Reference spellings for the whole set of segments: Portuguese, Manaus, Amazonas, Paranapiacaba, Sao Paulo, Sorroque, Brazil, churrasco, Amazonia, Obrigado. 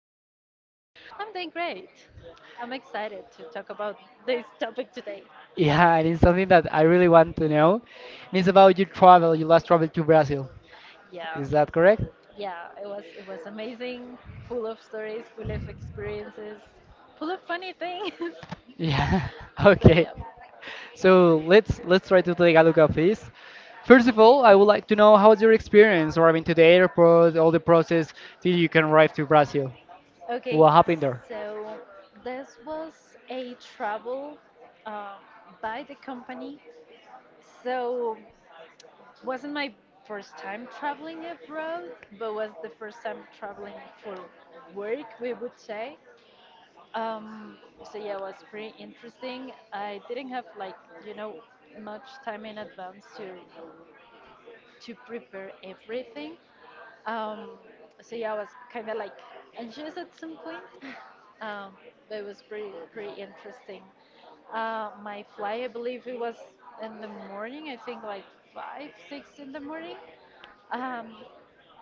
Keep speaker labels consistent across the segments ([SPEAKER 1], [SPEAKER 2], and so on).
[SPEAKER 1] how are you?
[SPEAKER 2] I'm doing great. I'm excited to talk about this topic today.
[SPEAKER 1] Yeah, it is something that I really want to know. It's about your travel, your last travel to Brazil.
[SPEAKER 2] Yeah.
[SPEAKER 1] Is that correct?
[SPEAKER 2] Yeah, it was amazing, full of stories, full of experiences, full of funny things.
[SPEAKER 1] Yeah,
[SPEAKER 2] so
[SPEAKER 1] okay.
[SPEAKER 2] yeah.
[SPEAKER 1] So let's try to take a look at this. First of all, I would like to know how was your experience arriving to the airport, all the process till you can arrive to Brazil.
[SPEAKER 2] Okay,
[SPEAKER 1] What happened there?
[SPEAKER 2] so this was a travel uh, by the company. So wasn't my first time traveling abroad, but was the first time traveling for work, we would say. Um, so yeah, it was pretty interesting. I didn't have you know, much time in advance to prepare everything. Um, so yeah, I was kind of like anxious at some point. Um, but it was pretty interesting. My flight, I believe it was in the morning. I think like five, six in the morning. Um,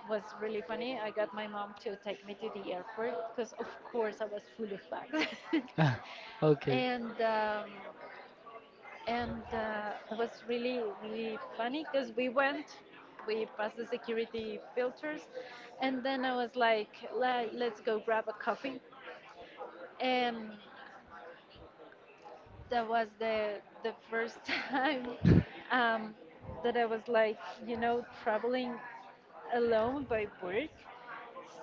[SPEAKER 2] was really funny. I got my mom to take me to the airport because, of course, I was full of bags.
[SPEAKER 1] Okay.
[SPEAKER 2] and um, and that was really funny because we passed the security filters, and then I was like, Let's go grab a coffee," and that was the first time um, that I was like, you know, traveling alone by work.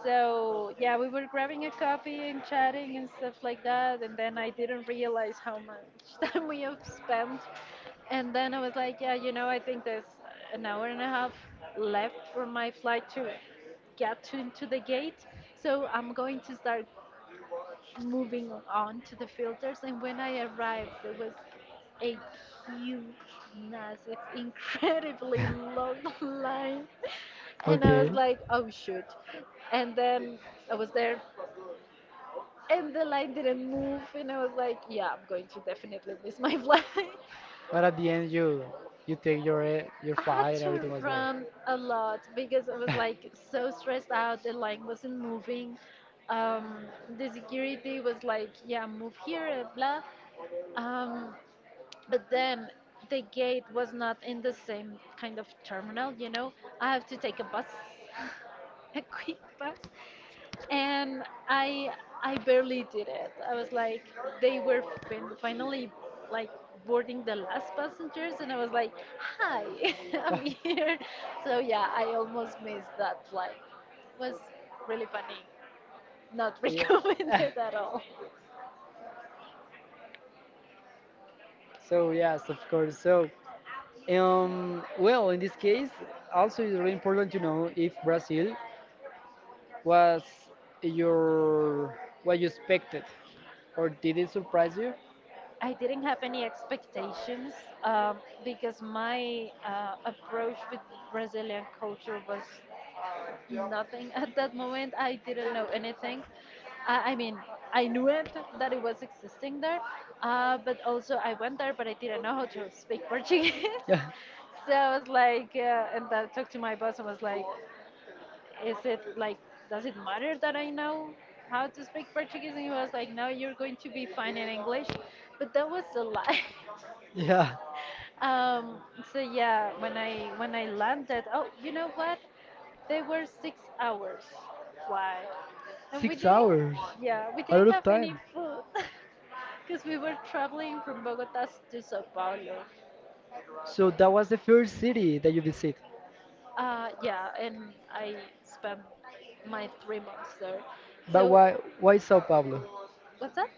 [SPEAKER 2] So yeah, we were grabbing a coffee and chatting and stuff like that, and then I didn't realize how much time we have spent. And then I was like, yeah, you know, I think there's an hour and a half left for my flight to get to into the gate. So I'm going to start moving on to the filters. And when I arrived, there was a huge, massive, incredibly long line. And I was
[SPEAKER 1] Okay.
[SPEAKER 2] like, oh shoot. And then I was there, and the line didn't move. And I was like, yeah, I'm going to definitely miss my flight.
[SPEAKER 1] But at the end, you take your your
[SPEAKER 2] I had
[SPEAKER 1] fight and
[SPEAKER 2] to
[SPEAKER 1] everything was well.
[SPEAKER 2] run a lot because I was like so stressed out. The line wasn't moving. Um, the security was like, yeah, move here, blah. Um, But then the gate was not in the same kind of terminal, you know. I have to take a bus, a quick bus, and I I barely did it. I was like, they were finally like boarding the last passengers, and I was like, hi, I'm here. So yeah, I almost missed that flight. It was really funny. Not
[SPEAKER 1] yeah.
[SPEAKER 2] recommended at all.
[SPEAKER 1] So yes, of course. So well, in this case, also it's really important to know if Brazil was your what you expected, or did it surprise you?
[SPEAKER 2] I didn't have any expectations um, because my approach with Brazilian culture was nothing at that moment. I didn't know anything. I mean, I knew it that it was existing there, but also I went there, but I didn't know how to speak Portuguese.
[SPEAKER 1] Yeah,
[SPEAKER 2] So I was like, and I talked to my boss and was like, is it like does it matter that I know how to speak Portuguese? And he was like, no, you're going to be fine in English, but that was a lie.
[SPEAKER 1] yeah,
[SPEAKER 2] um, so yeah, when I landed, oh, you know what, they were 6 hours flight, and we
[SPEAKER 1] six
[SPEAKER 2] didn't
[SPEAKER 1] hours,
[SPEAKER 2] yeah, we
[SPEAKER 1] a lot
[SPEAKER 2] didn't
[SPEAKER 1] of
[SPEAKER 2] have any
[SPEAKER 1] time.
[SPEAKER 2] food because we were traveling from Bogota to Sao Paulo.
[SPEAKER 1] So that was the first city that you visit.
[SPEAKER 2] Yeah, and I spent my 3 months there.
[SPEAKER 1] But
[SPEAKER 2] So
[SPEAKER 1] why Sao Paulo?
[SPEAKER 2] what's that?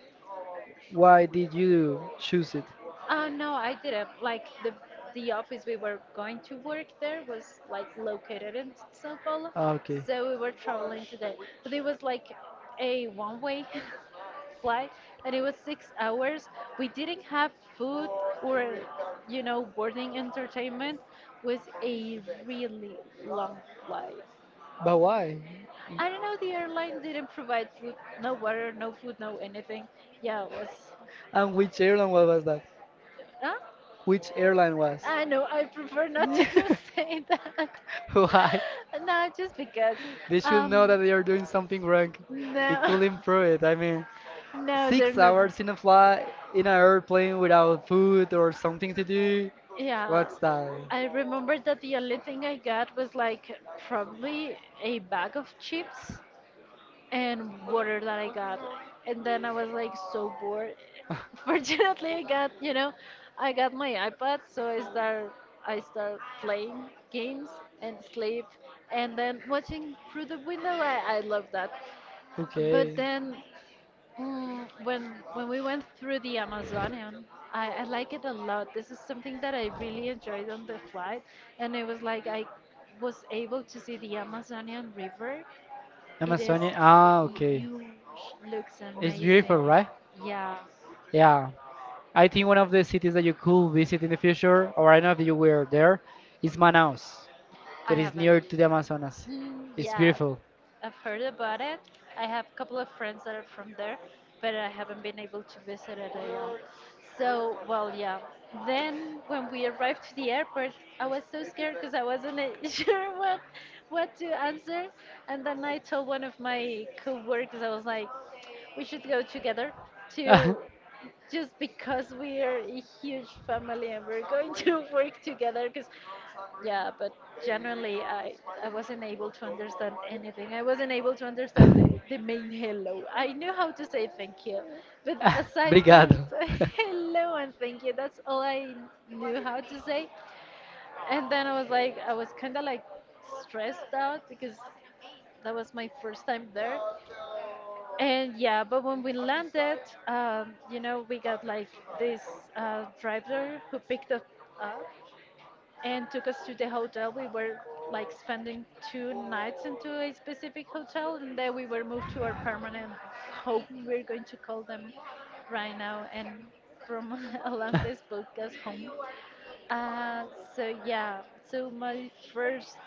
[SPEAKER 1] Why did you choose it?
[SPEAKER 2] No, I didn't. Like the office we were going to work there was like located in Sao Paulo,
[SPEAKER 1] Ah, okay,
[SPEAKER 2] so we were traveling today. But it was like a one-way flight, and it was 6 hours. We didn't have food or you know boarding entertainment. Was a really long flight.
[SPEAKER 1] but why?
[SPEAKER 2] I don't know. The airline didn't provide food, no water, no food, no anything. Yeah, it was.
[SPEAKER 1] And which was that?
[SPEAKER 2] Huh?
[SPEAKER 1] Which airline was?
[SPEAKER 2] I know, I prefer not to say that.
[SPEAKER 1] Why?
[SPEAKER 2] No, just because.
[SPEAKER 1] They should know
[SPEAKER 2] Um,
[SPEAKER 1] that they are doing something wrong. They
[SPEAKER 2] no,
[SPEAKER 1] could improve it. I mean,
[SPEAKER 2] no, they're
[SPEAKER 1] six
[SPEAKER 2] not.
[SPEAKER 1] hours in a flight, in an airplane without food or something to do.
[SPEAKER 2] Yeah,
[SPEAKER 1] What's that?
[SPEAKER 2] I remember that the only thing I got was like probably a bag of chips and water that I got. And then I was like so bored. Fortunately, I got my iPad, so I start playing games and sleep, and then watching through the window. I love that. But
[SPEAKER 1] Okay.
[SPEAKER 2] then mm, when we went through the Amazonian. I like it a lot. This is something that I really enjoyed on the flight, and it was like I was able to see the Amazonian River. It is
[SPEAKER 1] Amazonia. Ah, okay.
[SPEAKER 2] huge, looks
[SPEAKER 1] It's beautiful,
[SPEAKER 2] amazing.
[SPEAKER 1] right?
[SPEAKER 2] Yeah,
[SPEAKER 1] Yeah. I think one of the cities that you could visit in the future, or I don't know if you were there, is Manaus,
[SPEAKER 2] I
[SPEAKER 1] that is
[SPEAKER 2] haven't.
[SPEAKER 1] near to the Amazonas.
[SPEAKER 2] Mm,
[SPEAKER 1] It's
[SPEAKER 2] yeah,
[SPEAKER 1] beautiful.
[SPEAKER 2] I've heard about it. I have a couple of friends that are from there, but I haven't been able to visit it yet. So, well, yeah. Then when we arrived to the airport, I was so scared because I wasn't sure what to answer. And then I told one of my coworkers, I was like, we should go together to just because we are a huge family and we're going to work together because yeah but generally, I wasn't able to understand anything. I wasn't able to understand the main hello. I knew how to say thank you, but aside from
[SPEAKER 1] Obrigado.
[SPEAKER 2] hello and thank you, that's all I knew how to say. And then I was like, I was kind of like stressed out because that was my first time there. And yeah, but when we landed, you know, we got like this driver who picked us up, and took us to the hotel. We were like spending 2 nights into a specific hotel, and then we were moved to our permanent home. We're going to call them right now, and from along this podcast home. Uh, so yeah, so my first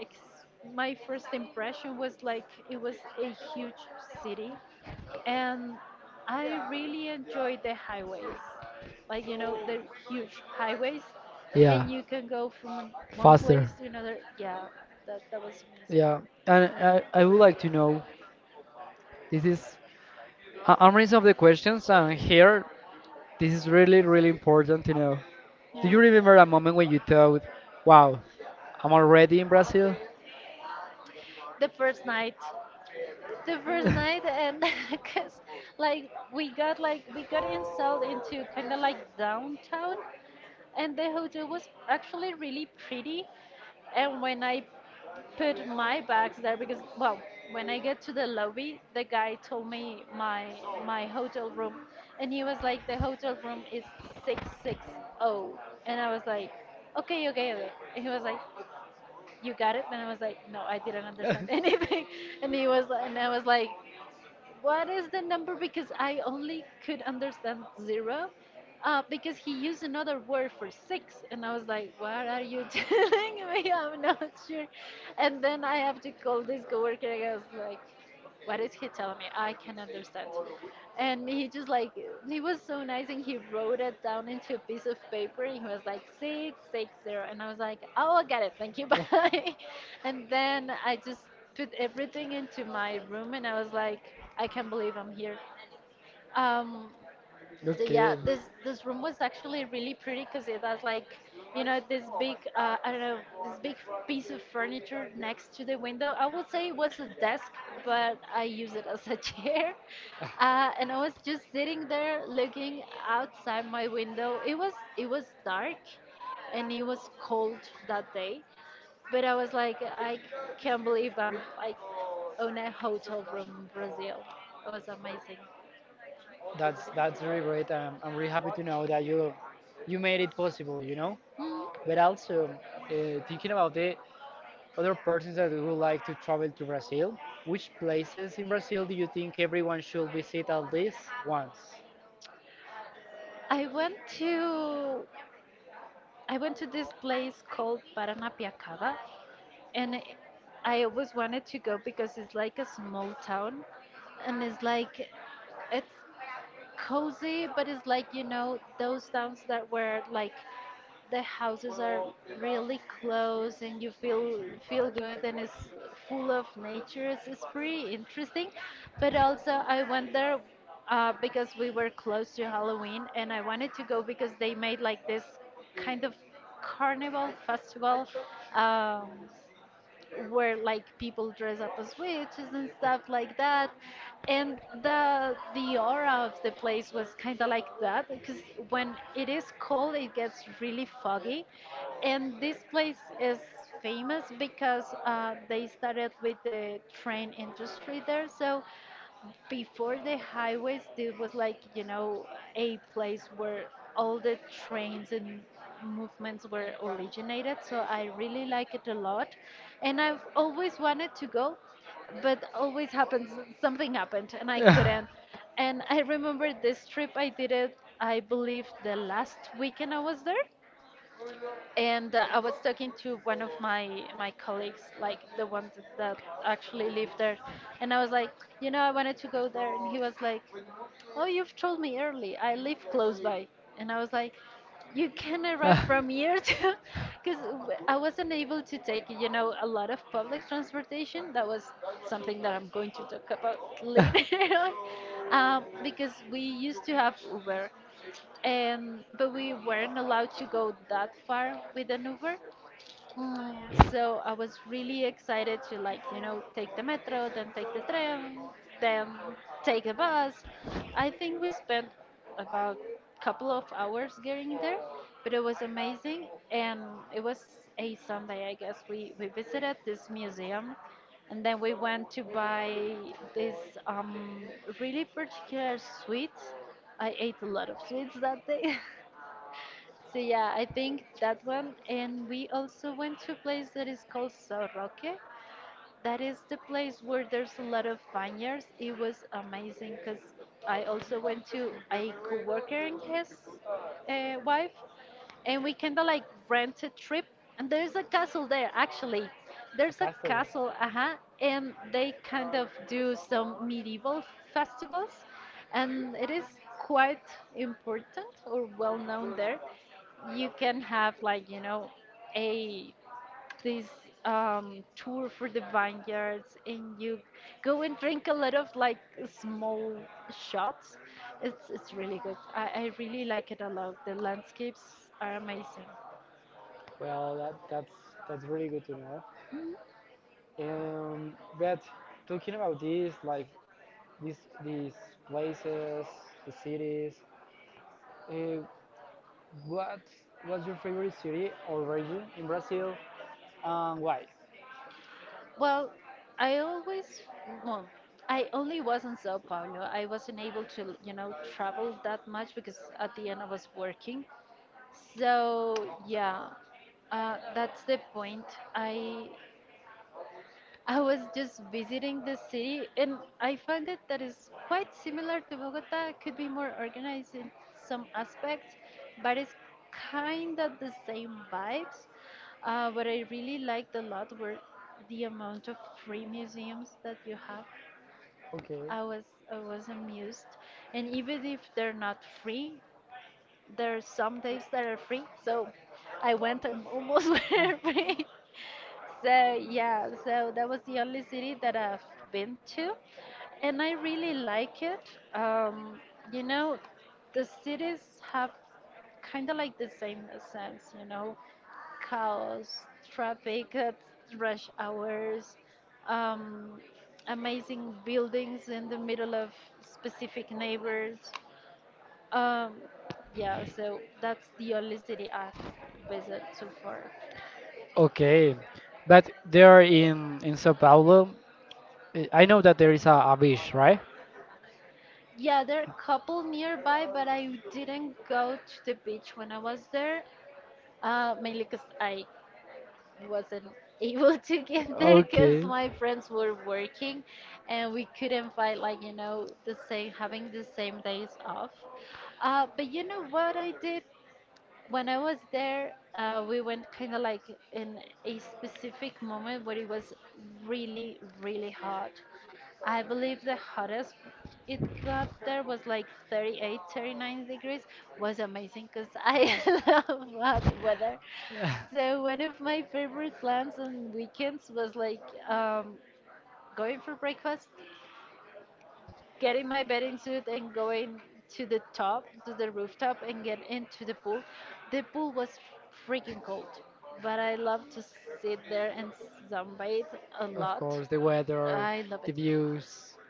[SPEAKER 2] ex- my first impression was like it was a huge city, and I really enjoyed the highways. Like, you know, the huge highways,
[SPEAKER 1] Yeah,
[SPEAKER 2] and you can go from one place
[SPEAKER 1] faster.
[SPEAKER 2] to another. Yeah, that was amazing.
[SPEAKER 1] Yeah, and I would like to know, this is, I'm reading some of the questions and here this is really important to know. Do you
[SPEAKER 2] Yeah.
[SPEAKER 1] remember a moment when you thought, "Wow, I'm already in Brazil"?
[SPEAKER 2] The first night. The first night and cuz like we got installed into kind of like downtown, and the hotel was actually really pretty. And when I put my bags there because well, when I get to the lobby, the guy told me my hotel room, and he was like, the hotel room is 660. And I was like, okay, okay, okay. And he was like, you got it? And I was like, no, I didn't understand anything. And he was and I was like, what is the number? Because I only could understand zero, because he used another word for six, and I was like, what are you telling me? I'm not sure. And then I have to call this coworker. I was like, what is he telling me? I can understand. And he just like, he was so nice, and he wrote it down into a piece of paper, and he was like, 660. And I was like, oh, I got it, thank you, bye. And then I just put everything into my room, and I was like, I can't believe I'm here. Um, so yeah,
[SPEAKER 1] Okay.
[SPEAKER 2] this room was actually really pretty because it has like, you know, this big I don't know, this big piece of furniture next to the window. I would say it was a desk, but I use it as a chair.
[SPEAKER 1] Ah.
[SPEAKER 2] And I was just sitting there looking outside my window. It was dark, and it was cold that day. But I was like, I can't believe I'm like on a hotel room in Brazil. It was amazing.
[SPEAKER 1] That's really great. I'm really happy to know that you made it possible, you know.
[SPEAKER 2] Mm,
[SPEAKER 1] But also thinking about the other persons that would like to travel to Brazil, which places in Brazil do you think everyone should visit at least once?
[SPEAKER 2] I went to I went to this place called Paranapiacaba, and I always wanted to go because it's like a small town, and it's like it's cozy, but it's like, you know, those towns that where like the houses are really close and you feel good and it's full of nature. It's pretty interesting. But also I went there because we were close to Halloween, and I wanted to go because they made like this kind of carnival festival, um, where like people dress up as witches and stuff like that. And the aura of the place was kind of like that because when it is cold it gets really foggy. And this place is famous because they started with the train industry there. So before the highways, there was like, you know, a place where all the trains and movements were originated. So I really like it a lot. And I've always wanted to go, but always happens, something happened and I
[SPEAKER 1] Yeah.
[SPEAKER 2] couldn't. And I remember this trip I did it, I believe the last weekend I was there. And I was talking to one of my colleagues, like the ones that actually live there, and I was like, you know, I wanted to go there, and he was like, oh, you've told me early. I live close by, and I was like, you can
[SPEAKER 1] Ah.
[SPEAKER 2] arrive from here too, because I wasn't able to take, you know, a lot of public transportation. That was something that I'm going to talk about
[SPEAKER 1] Ah.
[SPEAKER 2] later on, because we used to have Uber. But we weren't allowed to go that far with an Uber. Mm. So I was really excited to like, take the metro, then take the tram, then take a bus. I think we spent about couple of hours getting there, but it was amazing and it was a Sunday, I guess. We visited this museum and then we went to buy this um really particular sweets. I ate a lot of sweets that day. So yeah, I think that one. And we also went to a place that is called Sorroque that is the place where there's a lot of vineyards. It was amazing because I also went to a coworker and his wife, and we kind of like rent a trip. And there's a castle there, actually.
[SPEAKER 1] A
[SPEAKER 2] There's a
[SPEAKER 1] castle.
[SPEAKER 2] castle, and they kind of do some medieval festivals, and it is quite important or well known there. You can have like a this tour for the vineyards and you go and drink a lot of like small shots. It's really good. I really like it a lot. The landscapes are amazing.
[SPEAKER 1] Well, that's that's really good to know.
[SPEAKER 2] Mm.
[SPEAKER 1] Um, but talking about this, like these these places, the cities, uh, what what's your favorite city or region in Brazil, and why?
[SPEAKER 2] Well, I always, well, I only was in Sao Paulo. I wasn't able to, travel that much because at the end I was working. So yeah, that's the point. I I was just visiting the city and I found it that is quite similar to Bogota, could be more organized in some aspects, but it's kind of the same vibes. What I really liked a lot were the amount of free museums that you have.
[SPEAKER 1] Okay.
[SPEAKER 2] I was I was amused, and even if they're not free, there are some days that are free. So I went and almost were free. So yeah, so that was the only city that I've been to, and I really like it. Um, you know, the cities have kind of like the same sense, chaos, traffic at rush hours, um, amazing buildings in the middle of specific neighbors. Um, yeah, so that's the only city I've visited so far.
[SPEAKER 1] Okay, but there in Sao Paulo, I know that there is a beach, right?
[SPEAKER 2] Yeah, there are a couple nearby, but I didn't go to the beach when I was there, mainly because I wasn't able to get there because
[SPEAKER 1] Okay.
[SPEAKER 2] my friends were working and we couldn't find, like, the same, having the same days off. But you know what I did? When I was there, we went kind of like in a specific moment where it was really, really hot. I believe the hottest it got there was like 38, 39 degrees. Was amazing because I love hot weather. So one of my favorite plans on weekends was like um, going for breakfast getting my bathing suit and going to the top, to the rooftop, and get into the pool. The pool was freaking cold, but I love to sit there and sunbathe a
[SPEAKER 1] Of
[SPEAKER 2] lot.
[SPEAKER 1] course, the weather,
[SPEAKER 2] I love it.
[SPEAKER 1] the views,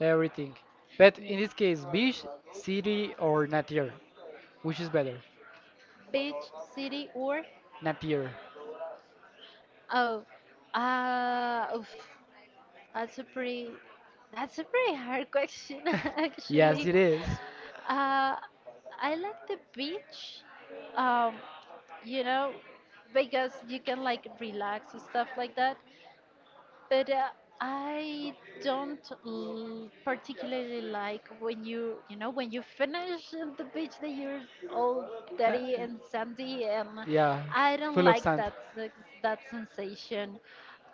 [SPEAKER 1] everything. But in this case, beach, city, or nature, which is better?
[SPEAKER 2] Beach, city, or
[SPEAKER 1] Nature.
[SPEAKER 2] oh, oof. That's a pretty that's a pretty hard question
[SPEAKER 1] Yes,
[SPEAKER 2] actually.
[SPEAKER 1] it is.
[SPEAKER 2] Uh, I like the beach. Um, you know, because you can like relax and stuff like that. But I don't particularly like when when you finish the beach that you're all
[SPEAKER 1] Uh,
[SPEAKER 2] dirty and sandy, and
[SPEAKER 1] yeah,
[SPEAKER 2] I don't
[SPEAKER 1] full of
[SPEAKER 2] like
[SPEAKER 1] sand.
[SPEAKER 2] that that sensation.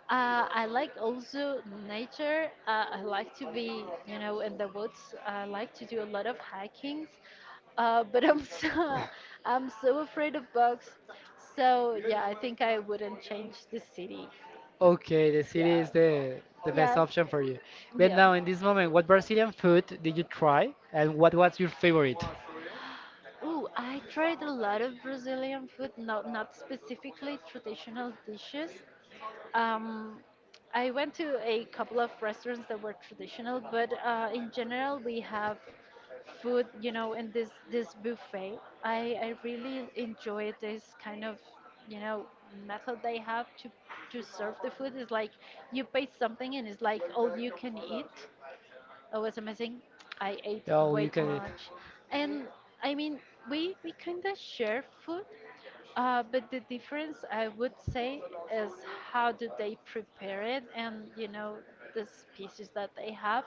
[SPEAKER 2] I like also nature. I like to be, in the woods. I like to do a lot of hikings, but I'm so I'm so afraid of bugs. So yeah, I think I wouldn't change the city.
[SPEAKER 1] Okay, the city
[SPEAKER 2] Yeah.
[SPEAKER 1] is the best
[SPEAKER 2] Yeah.
[SPEAKER 1] option for you. But
[SPEAKER 2] Yeah.
[SPEAKER 1] now in this moment, what Brazilian food did you try and what was your favorite?
[SPEAKER 2] Ooh, I tried a lot of Brazilian food, not specifically traditional dishes. Um, I went to a couple of restaurants that were traditional, but in general, we have food, in this buffet. I really enjoy this kind of, you know, method they have to serve the food. It's like you pay something and it's like all you can eat. It was amazing. I ate
[SPEAKER 1] Oh,
[SPEAKER 2] way
[SPEAKER 1] you
[SPEAKER 2] too
[SPEAKER 1] can eat.
[SPEAKER 2] much, and I mean we kind of share food, but the difference I would say is how do they prepare it and the species that they have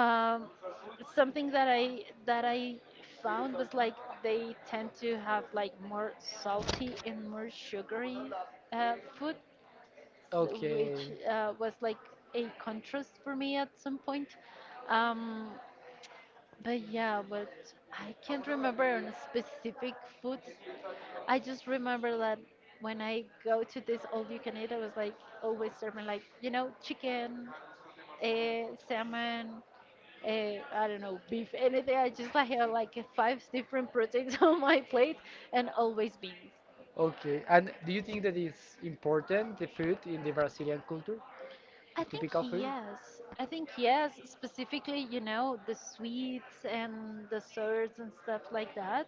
[SPEAKER 2] um, something that I found was like they tend to have like more salty and more sugary food, which
[SPEAKER 1] Okay.
[SPEAKER 2] was like a contrast for me at some point. Um, but yeah, but I can't remember on specific foods. I just remember that when I go to this all you can eat, I was like always serving like chicken, salmon I don't know, beef, anything. I just like have like five different proteins on my plate and always beans.
[SPEAKER 1] Okay. And do you think that it's important, the food in the Brazilian culture?
[SPEAKER 2] I
[SPEAKER 1] The
[SPEAKER 2] think
[SPEAKER 1] typical food?
[SPEAKER 2] yes. I think yes, specifically, the sweets and desserts and stuff like that.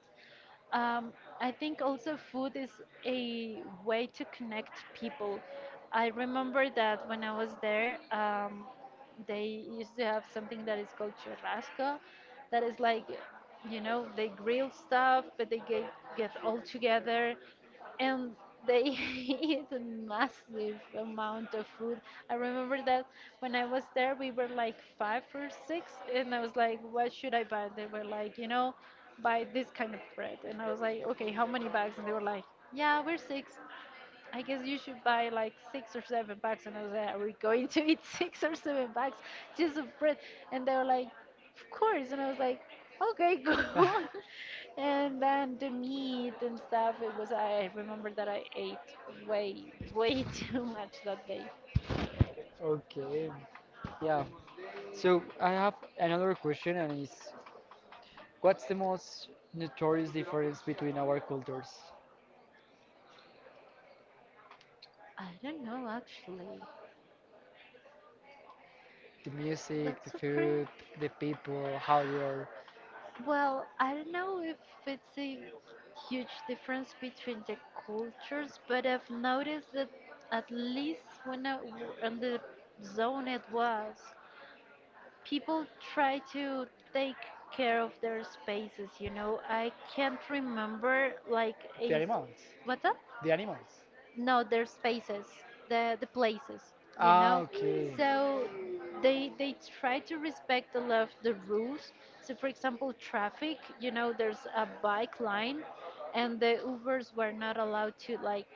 [SPEAKER 2] Um, I think also food is a way to connect people. I remember that when I was there, they used to have something that is called churrasco, that is like, they grill stuff, but they get all together, and they eat a massive amount of food. I remember that when I was there, we were like five or six, and I was like, "What should I buy?" They were like, "You know, buy this kind of bread." And I was like, "Okay, how many bags?" And they were like, "Yeah, we're six. I guess you should buy like six or seven bags. And I was like, are we going to eat six or seven bags just of bread? And they were like, of course. And I was like, okay, go on. And then the meat and stuff, it was, I remember that I ate way, way too much that day.
[SPEAKER 1] Okay. Yeah. So I have another question, and is, what's the most notorious difference between our cultures?
[SPEAKER 2] I don't know actually.
[SPEAKER 1] The music, the
[SPEAKER 2] That's a pretty.
[SPEAKER 1] food, the people, how they are,
[SPEAKER 2] Well, I don't know if it's a huge difference between the cultures, but I've noticed that at least when in the zone it was, people try to take care of their spaces, you know. I can't remember like
[SPEAKER 1] the
[SPEAKER 2] a
[SPEAKER 1] animals.
[SPEAKER 2] what's that?
[SPEAKER 1] The animals.
[SPEAKER 2] No, their spaces, the places, you
[SPEAKER 1] Ah,
[SPEAKER 2] know.
[SPEAKER 1] okay.
[SPEAKER 2] So they try to respect a lot of the rules. So for example, traffic, there's a bike line, and the Ubers were not allowed to like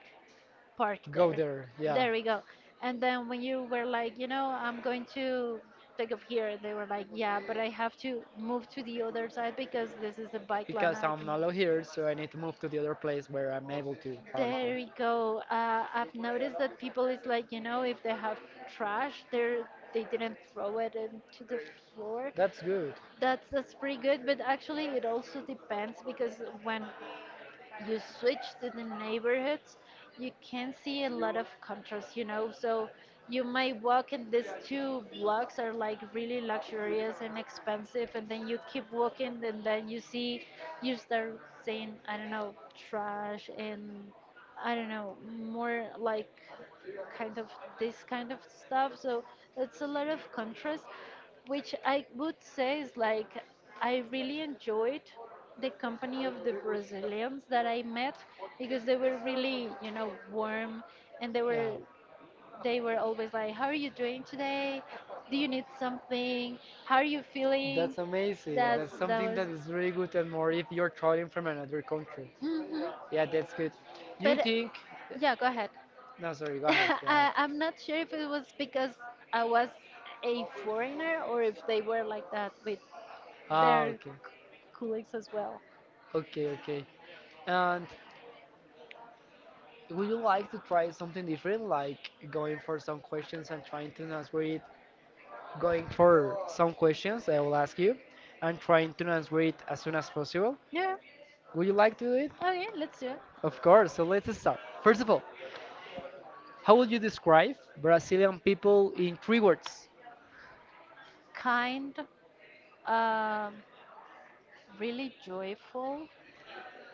[SPEAKER 2] park
[SPEAKER 1] Go
[SPEAKER 2] there.
[SPEAKER 1] there, yeah.
[SPEAKER 2] There we go and then when you were like, I'm going to take off here, they were like, yeah, but I have to move to the other side because this is a bike line,
[SPEAKER 1] Because
[SPEAKER 2] I
[SPEAKER 1] I'm
[SPEAKER 2] can.
[SPEAKER 1] not allowed here, so I need to move to the other place where I'm able to park
[SPEAKER 2] There
[SPEAKER 1] there.
[SPEAKER 2] we go. I've noticed that people is like, if they have trash, they didn't throw it into the floor.
[SPEAKER 1] That's good.
[SPEAKER 2] That's pretty good, but actually it also depends because when you switch to the neighborhoods, you can see a lot of contrast. So you might walk and these two blocks are like really luxurious and expensive, and then you keep walking, and then you see, you start seeing, I don't know, trash and I don't know, more like kind of this kind of stuff. So it's a lot of contrast, which I would say is like I really enjoyed the company of the Brazilians that I met because they were really, warm and they were
[SPEAKER 1] Yeah,
[SPEAKER 2] they were always like, how are you doing today? Do you need something? How are you feeling?
[SPEAKER 1] that's amazing.
[SPEAKER 2] That's
[SPEAKER 1] That's
[SPEAKER 2] that
[SPEAKER 1] something
[SPEAKER 2] was
[SPEAKER 1] that is really good, and more if you're traveling from another country.
[SPEAKER 2] hmm
[SPEAKER 1] Yeah, that's good. Do you
[SPEAKER 2] But
[SPEAKER 1] think?
[SPEAKER 2] yeah, go ahead.
[SPEAKER 1] No, sorry. Go ahead. Go ahead.
[SPEAKER 2] I'm not sure if it was because I was a foreigner or if they were like that with
[SPEAKER 1] Ah,
[SPEAKER 2] their
[SPEAKER 1] okay.
[SPEAKER 2] colleagues as well.
[SPEAKER 1] Okay, okay. And would you like to try something different, like going for some questions and trying to answer it? Going for some questions I will ask you and trying to answer it as soon as possible.
[SPEAKER 2] Yeah,
[SPEAKER 1] Would you like to do it?
[SPEAKER 2] okay, let's do it.
[SPEAKER 1] Of course, so let's start. First of all, how would you describe Brazilian people in three words?
[SPEAKER 2] Kind, um, really joyful,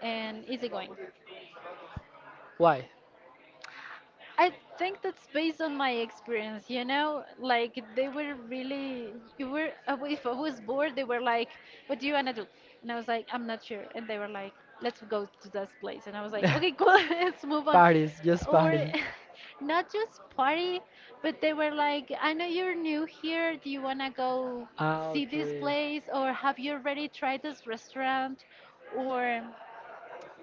[SPEAKER 2] and easygoing.
[SPEAKER 1] Why?
[SPEAKER 2] I think that's based on my experience, you know? Like, they were really, you were, if I was bored, they were like, what do you want to do? And I was like, I'm not sure. And they were like, let's go to this place. And I was like, okay, cool, let's move on.
[SPEAKER 1] Parties, just
[SPEAKER 2] Or
[SPEAKER 1] party.
[SPEAKER 2] not just party, but they were like, I know you're new here. Do you want to go
[SPEAKER 1] Ah,
[SPEAKER 2] see this
[SPEAKER 1] okay.
[SPEAKER 2] place? Or have you already tried this restaurant? Or.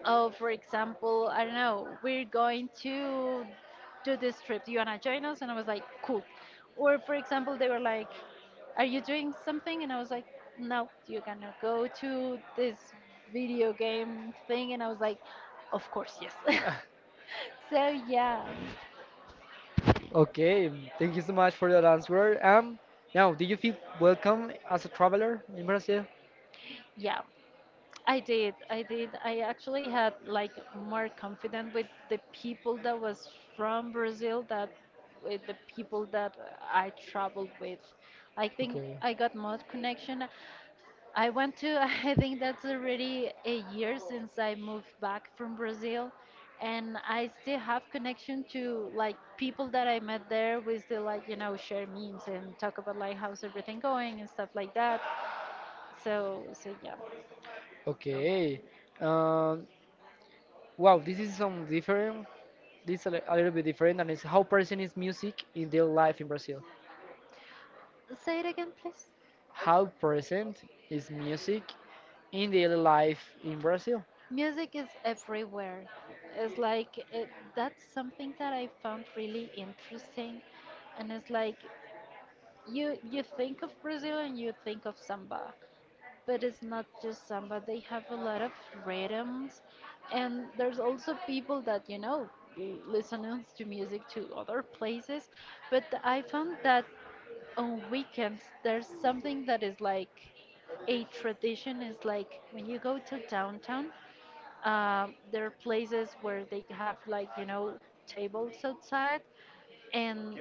[SPEAKER 2] Oh, for example, I don't know, we're going to do this trip. Do you want to join us? And I was like, cool. Or, for example, they were like, are you doing something? And I was like, no, you're going to go to this video game thing. And I was like, of course, yes. So, yeah.
[SPEAKER 1] Okay, thank you so much for your answer. Now, do you feel welcome as a traveler in Brazil?
[SPEAKER 2] Yeah. I did. I did. I actually had like more confidence with the people that was from Brazil that with the people that I traveled with. I think
[SPEAKER 1] Okay,
[SPEAKER 2] I got more connection. I went to, I think that's already a year since I moved back from Brazil, and I still have connection to like people that I met there. We still like, share memes and talk about like how's everything going and stuff like that. So yeah.
[SPEAKER 1] okay. Um, wow, this is some different. This a, a little bit different, and it's how present is music in daily life in Brazil.
[SPEAKER 2] Say it again, please.
[SPEAKER 1] How present is music in daily life in Brazil?
[SPEAKER 2] Music is everywhere. It's like it, that's something that I found really interesting, and it's like you think of Brazil and you think of samba, but it's not just samba. They have a lot of rhythms, and there's also people that listens to music to other places, but I found that on weekends there's something that is like a tradition is like when you go to downtown there are places where they have like tables outside, and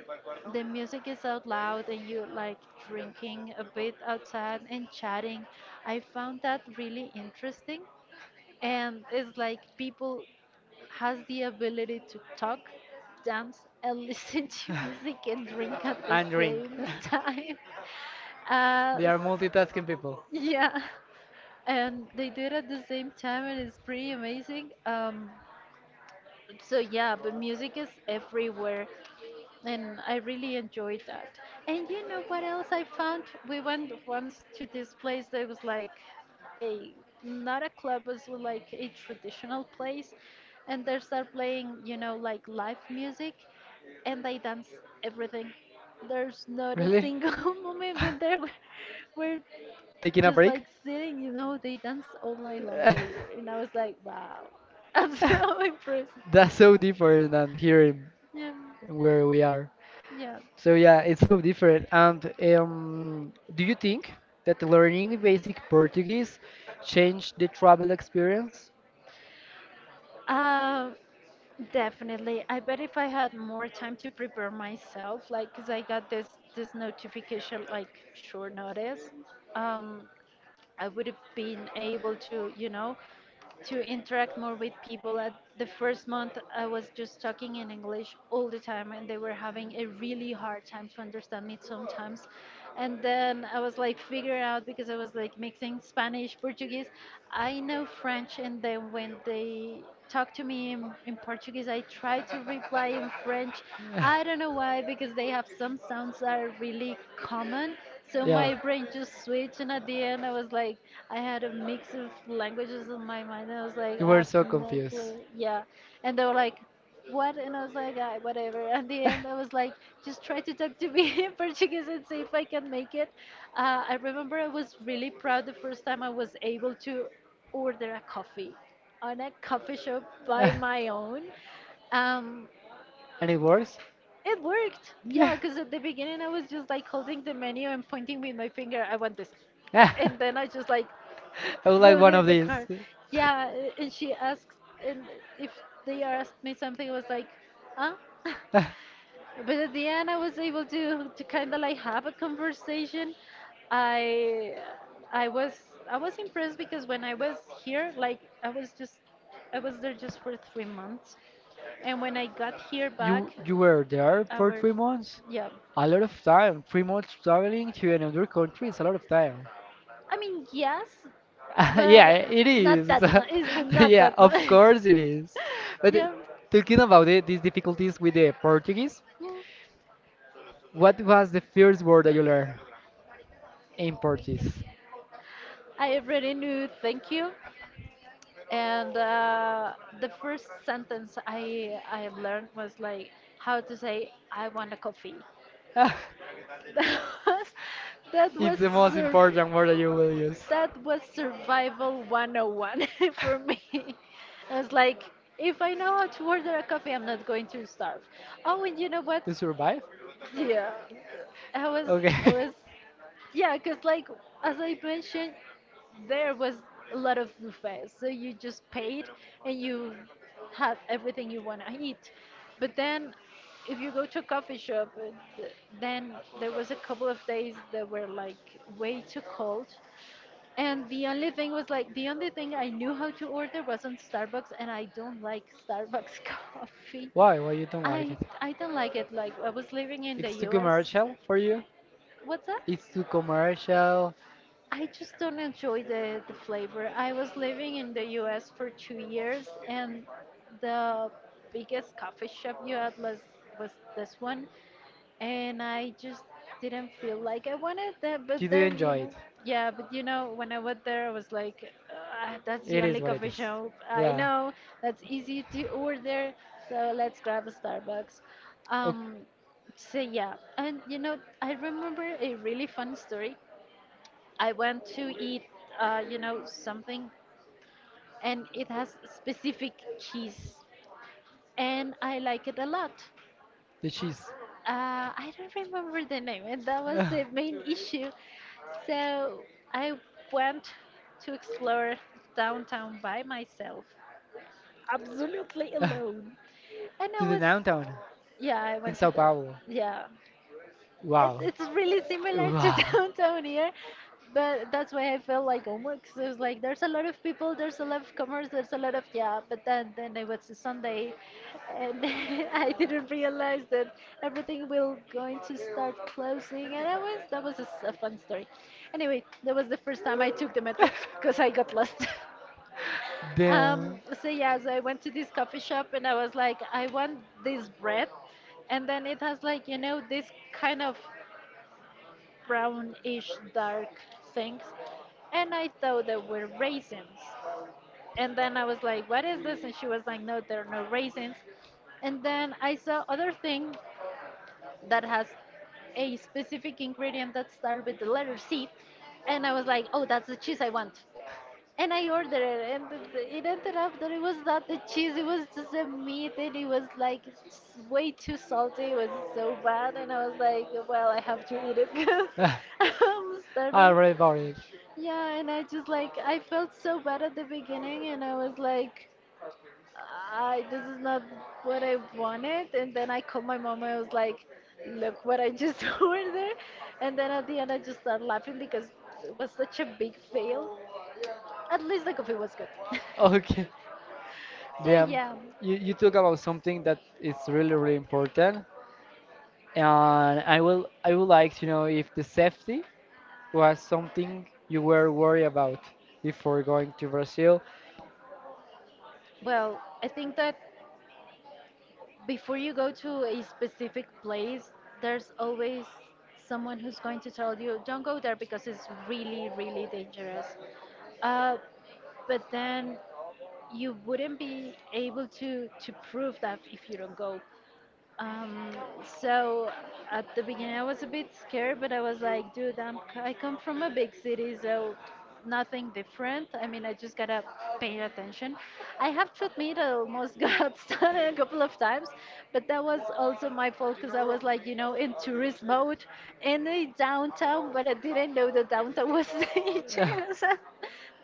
[SPEAKER 2] the music is out loud, and you like drinking a bit outside and chatting. I found that really interesting, and it's like people has the ability to talk, dance, and listen to music and drink at the
[SPEAKER 1] And drink.
[SPEAKER 2] same time. Uh,
[SPEAKER 1] They are multitasking people.
[SPEAKER 2] yeah, and they do it at the same time, and it's pretty amazing. So yeah, but music is everywhere, and I really enjoyed that. And you know what else I found? We went once to this place that was like a not a club, it was like a traditional place, and they start playing, you know, like live music, and they dance everything. There's not a
[SPEAKER 1] Really?
[SPEAKER 2] single moment when they were, were
[SPEAKER 1] Taking a
[SPEAKER 2] just
[SPEAKER 1] break?
[SPEAKER 2] like sitting, you know, they dance all night long. They and I was like, wow, I'm so impressed.
[SPEAKER 1] That's so different than here in
[SPEAKER 2] Yeah,
[SPEAKER 1] where we are.
[SPEAKER 2] yeah.
[SPEAKER 1] So yeah, it's so different. And do you think that learning basic Portuguese changed the travel experience?
[SPEAKER 2] Uh, Definitely. I bet if I had more time to prepare myself, like, 'cause I got this notification like short notice, um, I would have been able to, you know to interact more with people. At the first month, I was just talking in English all the time, and they were having a really hard time to understand me sometimes. And then I was like figuring out because I was like mixing Spanish, Portuguese. I know French, and then when they talk to me in Portuguese, I try to reply in French. I don't know why because they have some sounds that are really common so
[SPEAKER 1] Yeah,
[SPEAKER 2] my brain just switched, and at the end, I was like, I had a mix of languages in my mind. I was like,
[SPEAKER 1] you
[SPEAKER 2] I
[SPEAKER 1] were
[SPEAKER 2] have
[SPEAKER 1] so
[SPEAKER 2] no
[SPEAKER 1] confused.
[SPEAKER 2] clue. Yeah, and they were like, what? And I was like, ah, whatever. At the end, I was like, just try to talk to me in Portuguese and see if I can make it. I remember I was really proud the first time I was able to order a coffee on a coffee shop by my own. Um,
[SPEAKER 1] Any words?
[SPEAKER 2] it worked.
[SPEAKER 1] Yeah.
[SPEAKER 2] Yeah, because at the beginning I was just like holding the menu and pointing with my finger, I want this.
[SPEAKER 1] I
[SPEAKER 2] And then I just like
[SPEAKER 1] would like
[SPEAKER 2] throw
[SPEAKER 1] one
[SPEAKER 2] the,
[SPEAKER 1] of
[SPEAKER 2] the
[SPEAKER 1] these.
[SPEAKER 2] card. Yeah, and she asks, and if they asked me something, I was like, huh? But at the end, I was able to kind of like have a conversation. I I was I was impressed because when I was here, like I was just I was there just for 3 months, and when I got here back.
[SPEAKER 1] You were there for
[SPEAKER 2] Our,
[SPEAKER 1] 3 months?
[SPEAKER 2] yeah.
[SPEAKER 1] A lot of time. 3 months traveling to another country is a lot of time.
[SPEAKER 2] I mean, yes, but
[SPEAKER 1] Yeah, it
[SPEAKER 2] not
[SPEAKER 1] is.
[SPEAKER 2] that. Much. It's not
[SPEAKER 1] Yeah,
[SPEAKER 2] that.
[SPEAKER 1] of
[SPEAKER 2] Much.
[SPEAKER 1] course it is. But
[SPEAKER 2] Yeah.
[SPEAKER 1] talking about it, these difficulties with the Portuguese,
[SPEAKER 2] Mm,
[SPEAKER 1] what was the first word that you learned in Portuguese?
[SPEAKER 2] I already knew. Thank you. And the first sentence I learned was like how to say I want a coffee. That was
[SPEAKER 1] It's the
[SPEAKER 2] that was
[SPEAKER 1] most
[SPEAKER 2] uh,
[SPEAKER 1] important word that you will use.
[SPEAKER 2] that was survival 101 for me. I was like, if I know how to order a coffee, I'm not going to starve. Oh, and you know what?
[SPEAKER 1] To survive?
[SPEAKER 2] Yeah, I was,
[SPEAKER 1] Okay.
[SPEAKER 2] I was, yeah, because like as I mentioned, there was a lot of buffets, so you just paid and you had everything you want to eat. But then, if you go to a coffee shop, th- then there was a couple of days that were like way too cold and the only thing I knew how to order was on Starbucks, and I don't like Starbucks coffee.
[SPEAKER 1] Why? Why you don't like it?
[SPEAKER 2] I don't like it. Like I was living in the
[SPEAKER 1] It's too
[SPEAKER 2] U.S.
[SPEAKER 1] commercial for you?
[SPEAKER 2] What's that?
[SPEAKER 1] It's too commercial.
[SPEAKER 2] I just don't enjoy the flavor. I was living in the U.S. for 2 years, and the biggest coffee shop you had was this one, and I just didn't feel like I wanted that.
[SPEAKER 1] You
[SPEAKER 2] But
[SPEAKER 1] do
[SPEAKER 2] then, you
[SPEAKER 1] enjoy
[SPEAKER 2] know,
[SPEAKER 1] it.
[SPEAKER 2] yeah, but you know, when I went there, I was like, "Ah, that's the
[SPEAKER 1] It
[SPEAKER 2] only
[SPEAKER 1] is what it
[SPEAKER 2] coffee
[SPEAKER 1] is.
[SPEAKER 2] shop I
[SPEAKER 1] Yeah.
[SPEAKER 2] know that's easy to order. So let's grab a Starbucks.
[SPEAKER 1] Oh,
[SPEAKER 2] Um, so yeah, and you know, I remember a really fun story. I went to eat, you know, something, and it has specific cheese, and I like it a lot.
[SPEAKER 1] the cheese.
[SPEAKER 2] I don't remember the name, and that was
[SPEAKER 1] to
[SPEAKER 2] the main issue. So I went to explore downtown by myself, absolutely alone. And I
[SPEAKER 1] the
[SPEAKER 2] was,
[SPEAKER 1] downtown
[SPEAKER 2] yeah, I
[SPEAKER 1] in
[SPEAKER 2] went to,
[SPEAKER 1] Sao
[SPEAKER 2] the,
[SPEAKER 1] Paulo.
[SPEAKER 2] yeah, it,
[SPEAKER 1] Wow.
[SPEAKER 2] it's really similar to
[SPEAKER 1] Wow.
[SPEAKER 2] downtown here, but that's why I felt like homework. Cause it was like there's a lot of people, there's a lot of commerce, there's a lot of yeah. But then it was a Sunday, and I didn't realize that everything will going to start closing. And that was a, s- a fun story. Anyway, that was the first time I took the metro because I got lost. Um,
[SPEAKER 1] Damn.
[SPEAKER 2] so yeah, so I went to this coffee shop and I was like, I want this bread, and then it has like you know this kind of brownish dark things. And I thought they were raisins. And then I was like, what is this? And she was like, no, there are no raisins. And then I saw other thing that has a specific ingredient that started with the letter C. And I was like, oh, that's the cheese I want and I ordered it, and it ended up that it was not the cheese, it was just the meat, and it was like way too salty. It was so bad, and I was like, well, I have to eat it because
[SPEAKER 1] I
[SPEAKER 2] I'm starving.
[SPEAKER 1] already bought it.
[SPEAKER 2] Yeah, and I just like I felt so bad at the beginning, and I was like, I this is not what I wanted. And then I called my mom, and I was like, look what I just ordered. And then at the end, I just started laughing because it was such a big fail. At least the coffee was good.
[SPEAKER 1] Okay.
[SPEAKER 2] So
[SPEAKER 1] Damn.
[SPEAKER 2] yeah,
[SPEAKER 1] You talk about something that is really, really important. And I will, I would like to know if the safety was something you were worried about before going to Brazil.
[SPEAKER 2] well, I think that before you go to a specific place, there's always someone who's going to tell you, "Don't go there because it's really, really dangerous." Uh, but then you wouldn't be able to prove that if you don't go. Um, so at the beginning, I was a bit scared, but I was like, dude, I come from a big city, so nothing different. I mean, I just gotta pay attention. I have to admit, I almost got stung a couple of times, but that was also my fault because I was like, you know, in tourist mode in the downtown, but I didn't know the downtown was dangerous at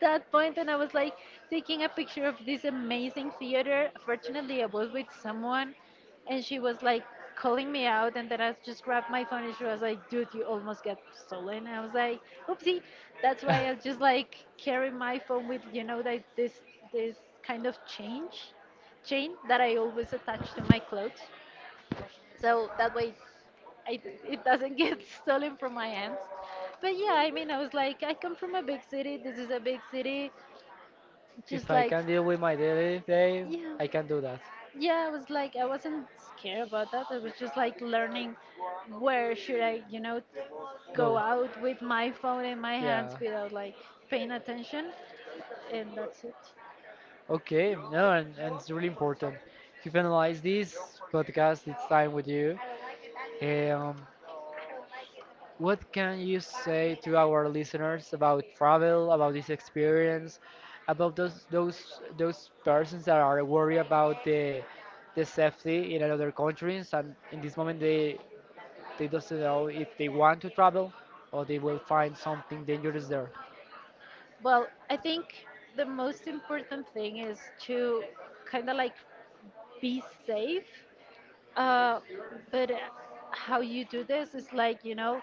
[SPEAKER 2] that point, and I was like taking a picture of this amazing theater. Fortunately, I was with someone and she was like calling me out and then I just grabbed my phone and she was like, dude, you almost got stolen. I was like, oopsie. That's why I just like carry my phone with, you know, like this kind of change chain that I always attach to my clothes. So that way I, it doesn't get stolen from my hands. But yeah, I mean, I was like, I come from a big city. This is a big city.
[SPEAKER 1] If
[SPEAKER 2] Just
[SPEAKER 1] I
[SPEAKER 2] like,
[SPEAKER 1] can deal with my daily day,
[SPEAKER 2] yeah
[SPEAKER 1] I can do that.
[SPEAKER 2] yeah, I was like, I wasn't scared about that. I was just like learning where should I, you know, go
[SPEAKER 1] Go.
[SPEAKER 2] out with my phone in my hands
[SPEAKER 1] Yeah.
[SPEAKER 2] without like paying attention, and that's it.
[SPEAKER 1] Okay. No, and it's really important to finalize this podcast. It's time with you. Um, What can you say to our listeners about travel, about this experience, about those persons that are worried about the safety in another countries, and in this moment they doesn't know if they want to travel or they will find something dangerous there.
[SPEAKER 2] Well, I think the most important thing is to kind of like be safe. Uh, but how you do this is like, you know,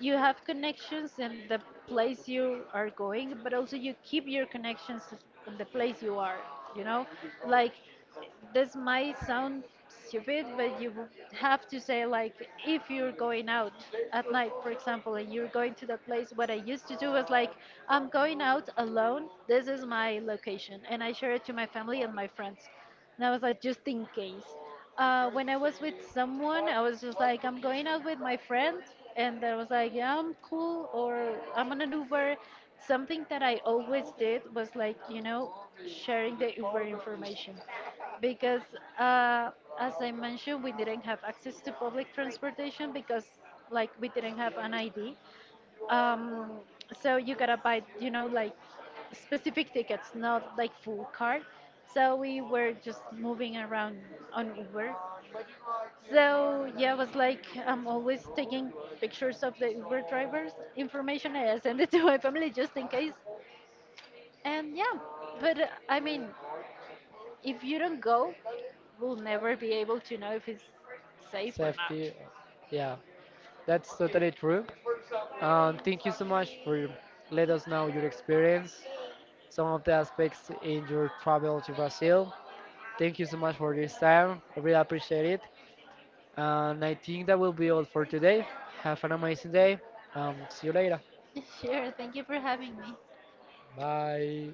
[SPEAKER 2] you have connections in the place you are going, but also you keep your connections in the place you are, you know? Like, this might sound stupid, but have to say, like, if you're going out at night, for example, and you're going to the place, what I used to do was like, I'm going out alone, this is my location, and I share it to my family and my friends. And I was like, just in case. When I was with someone, I was just like, I'm going out with my friend, and I was like, yeah, I'm cool, or I'm on an Uber. Something that I always did was like, you know, sharing the Uber information, because uh, as I mentioned, we didn't have access to public transportation because, like, we didn't have an ID. Um, so you gotta buy, you know, like specific tickets, not like full card. So we were just moving around on Uber. So yeah, I was like I'm always taking pictures of the Uber drivers' information. I send it to my family just in case. And yeah, but I mean, if you don't go, we'll never be able to know if it's safe or not.
[SPEAKER 1] Safety, yeah, that's totally true. Thank you so much for let us know your experience, some of the aspects in your travel to Brazil. Thank you so much for this time. I really appreciate it. And I think that will be all for today. Have an amazing day. See you later.
[SPEAKER 2] Sure, thank you for having me.
[SPEAKER 1] Bye.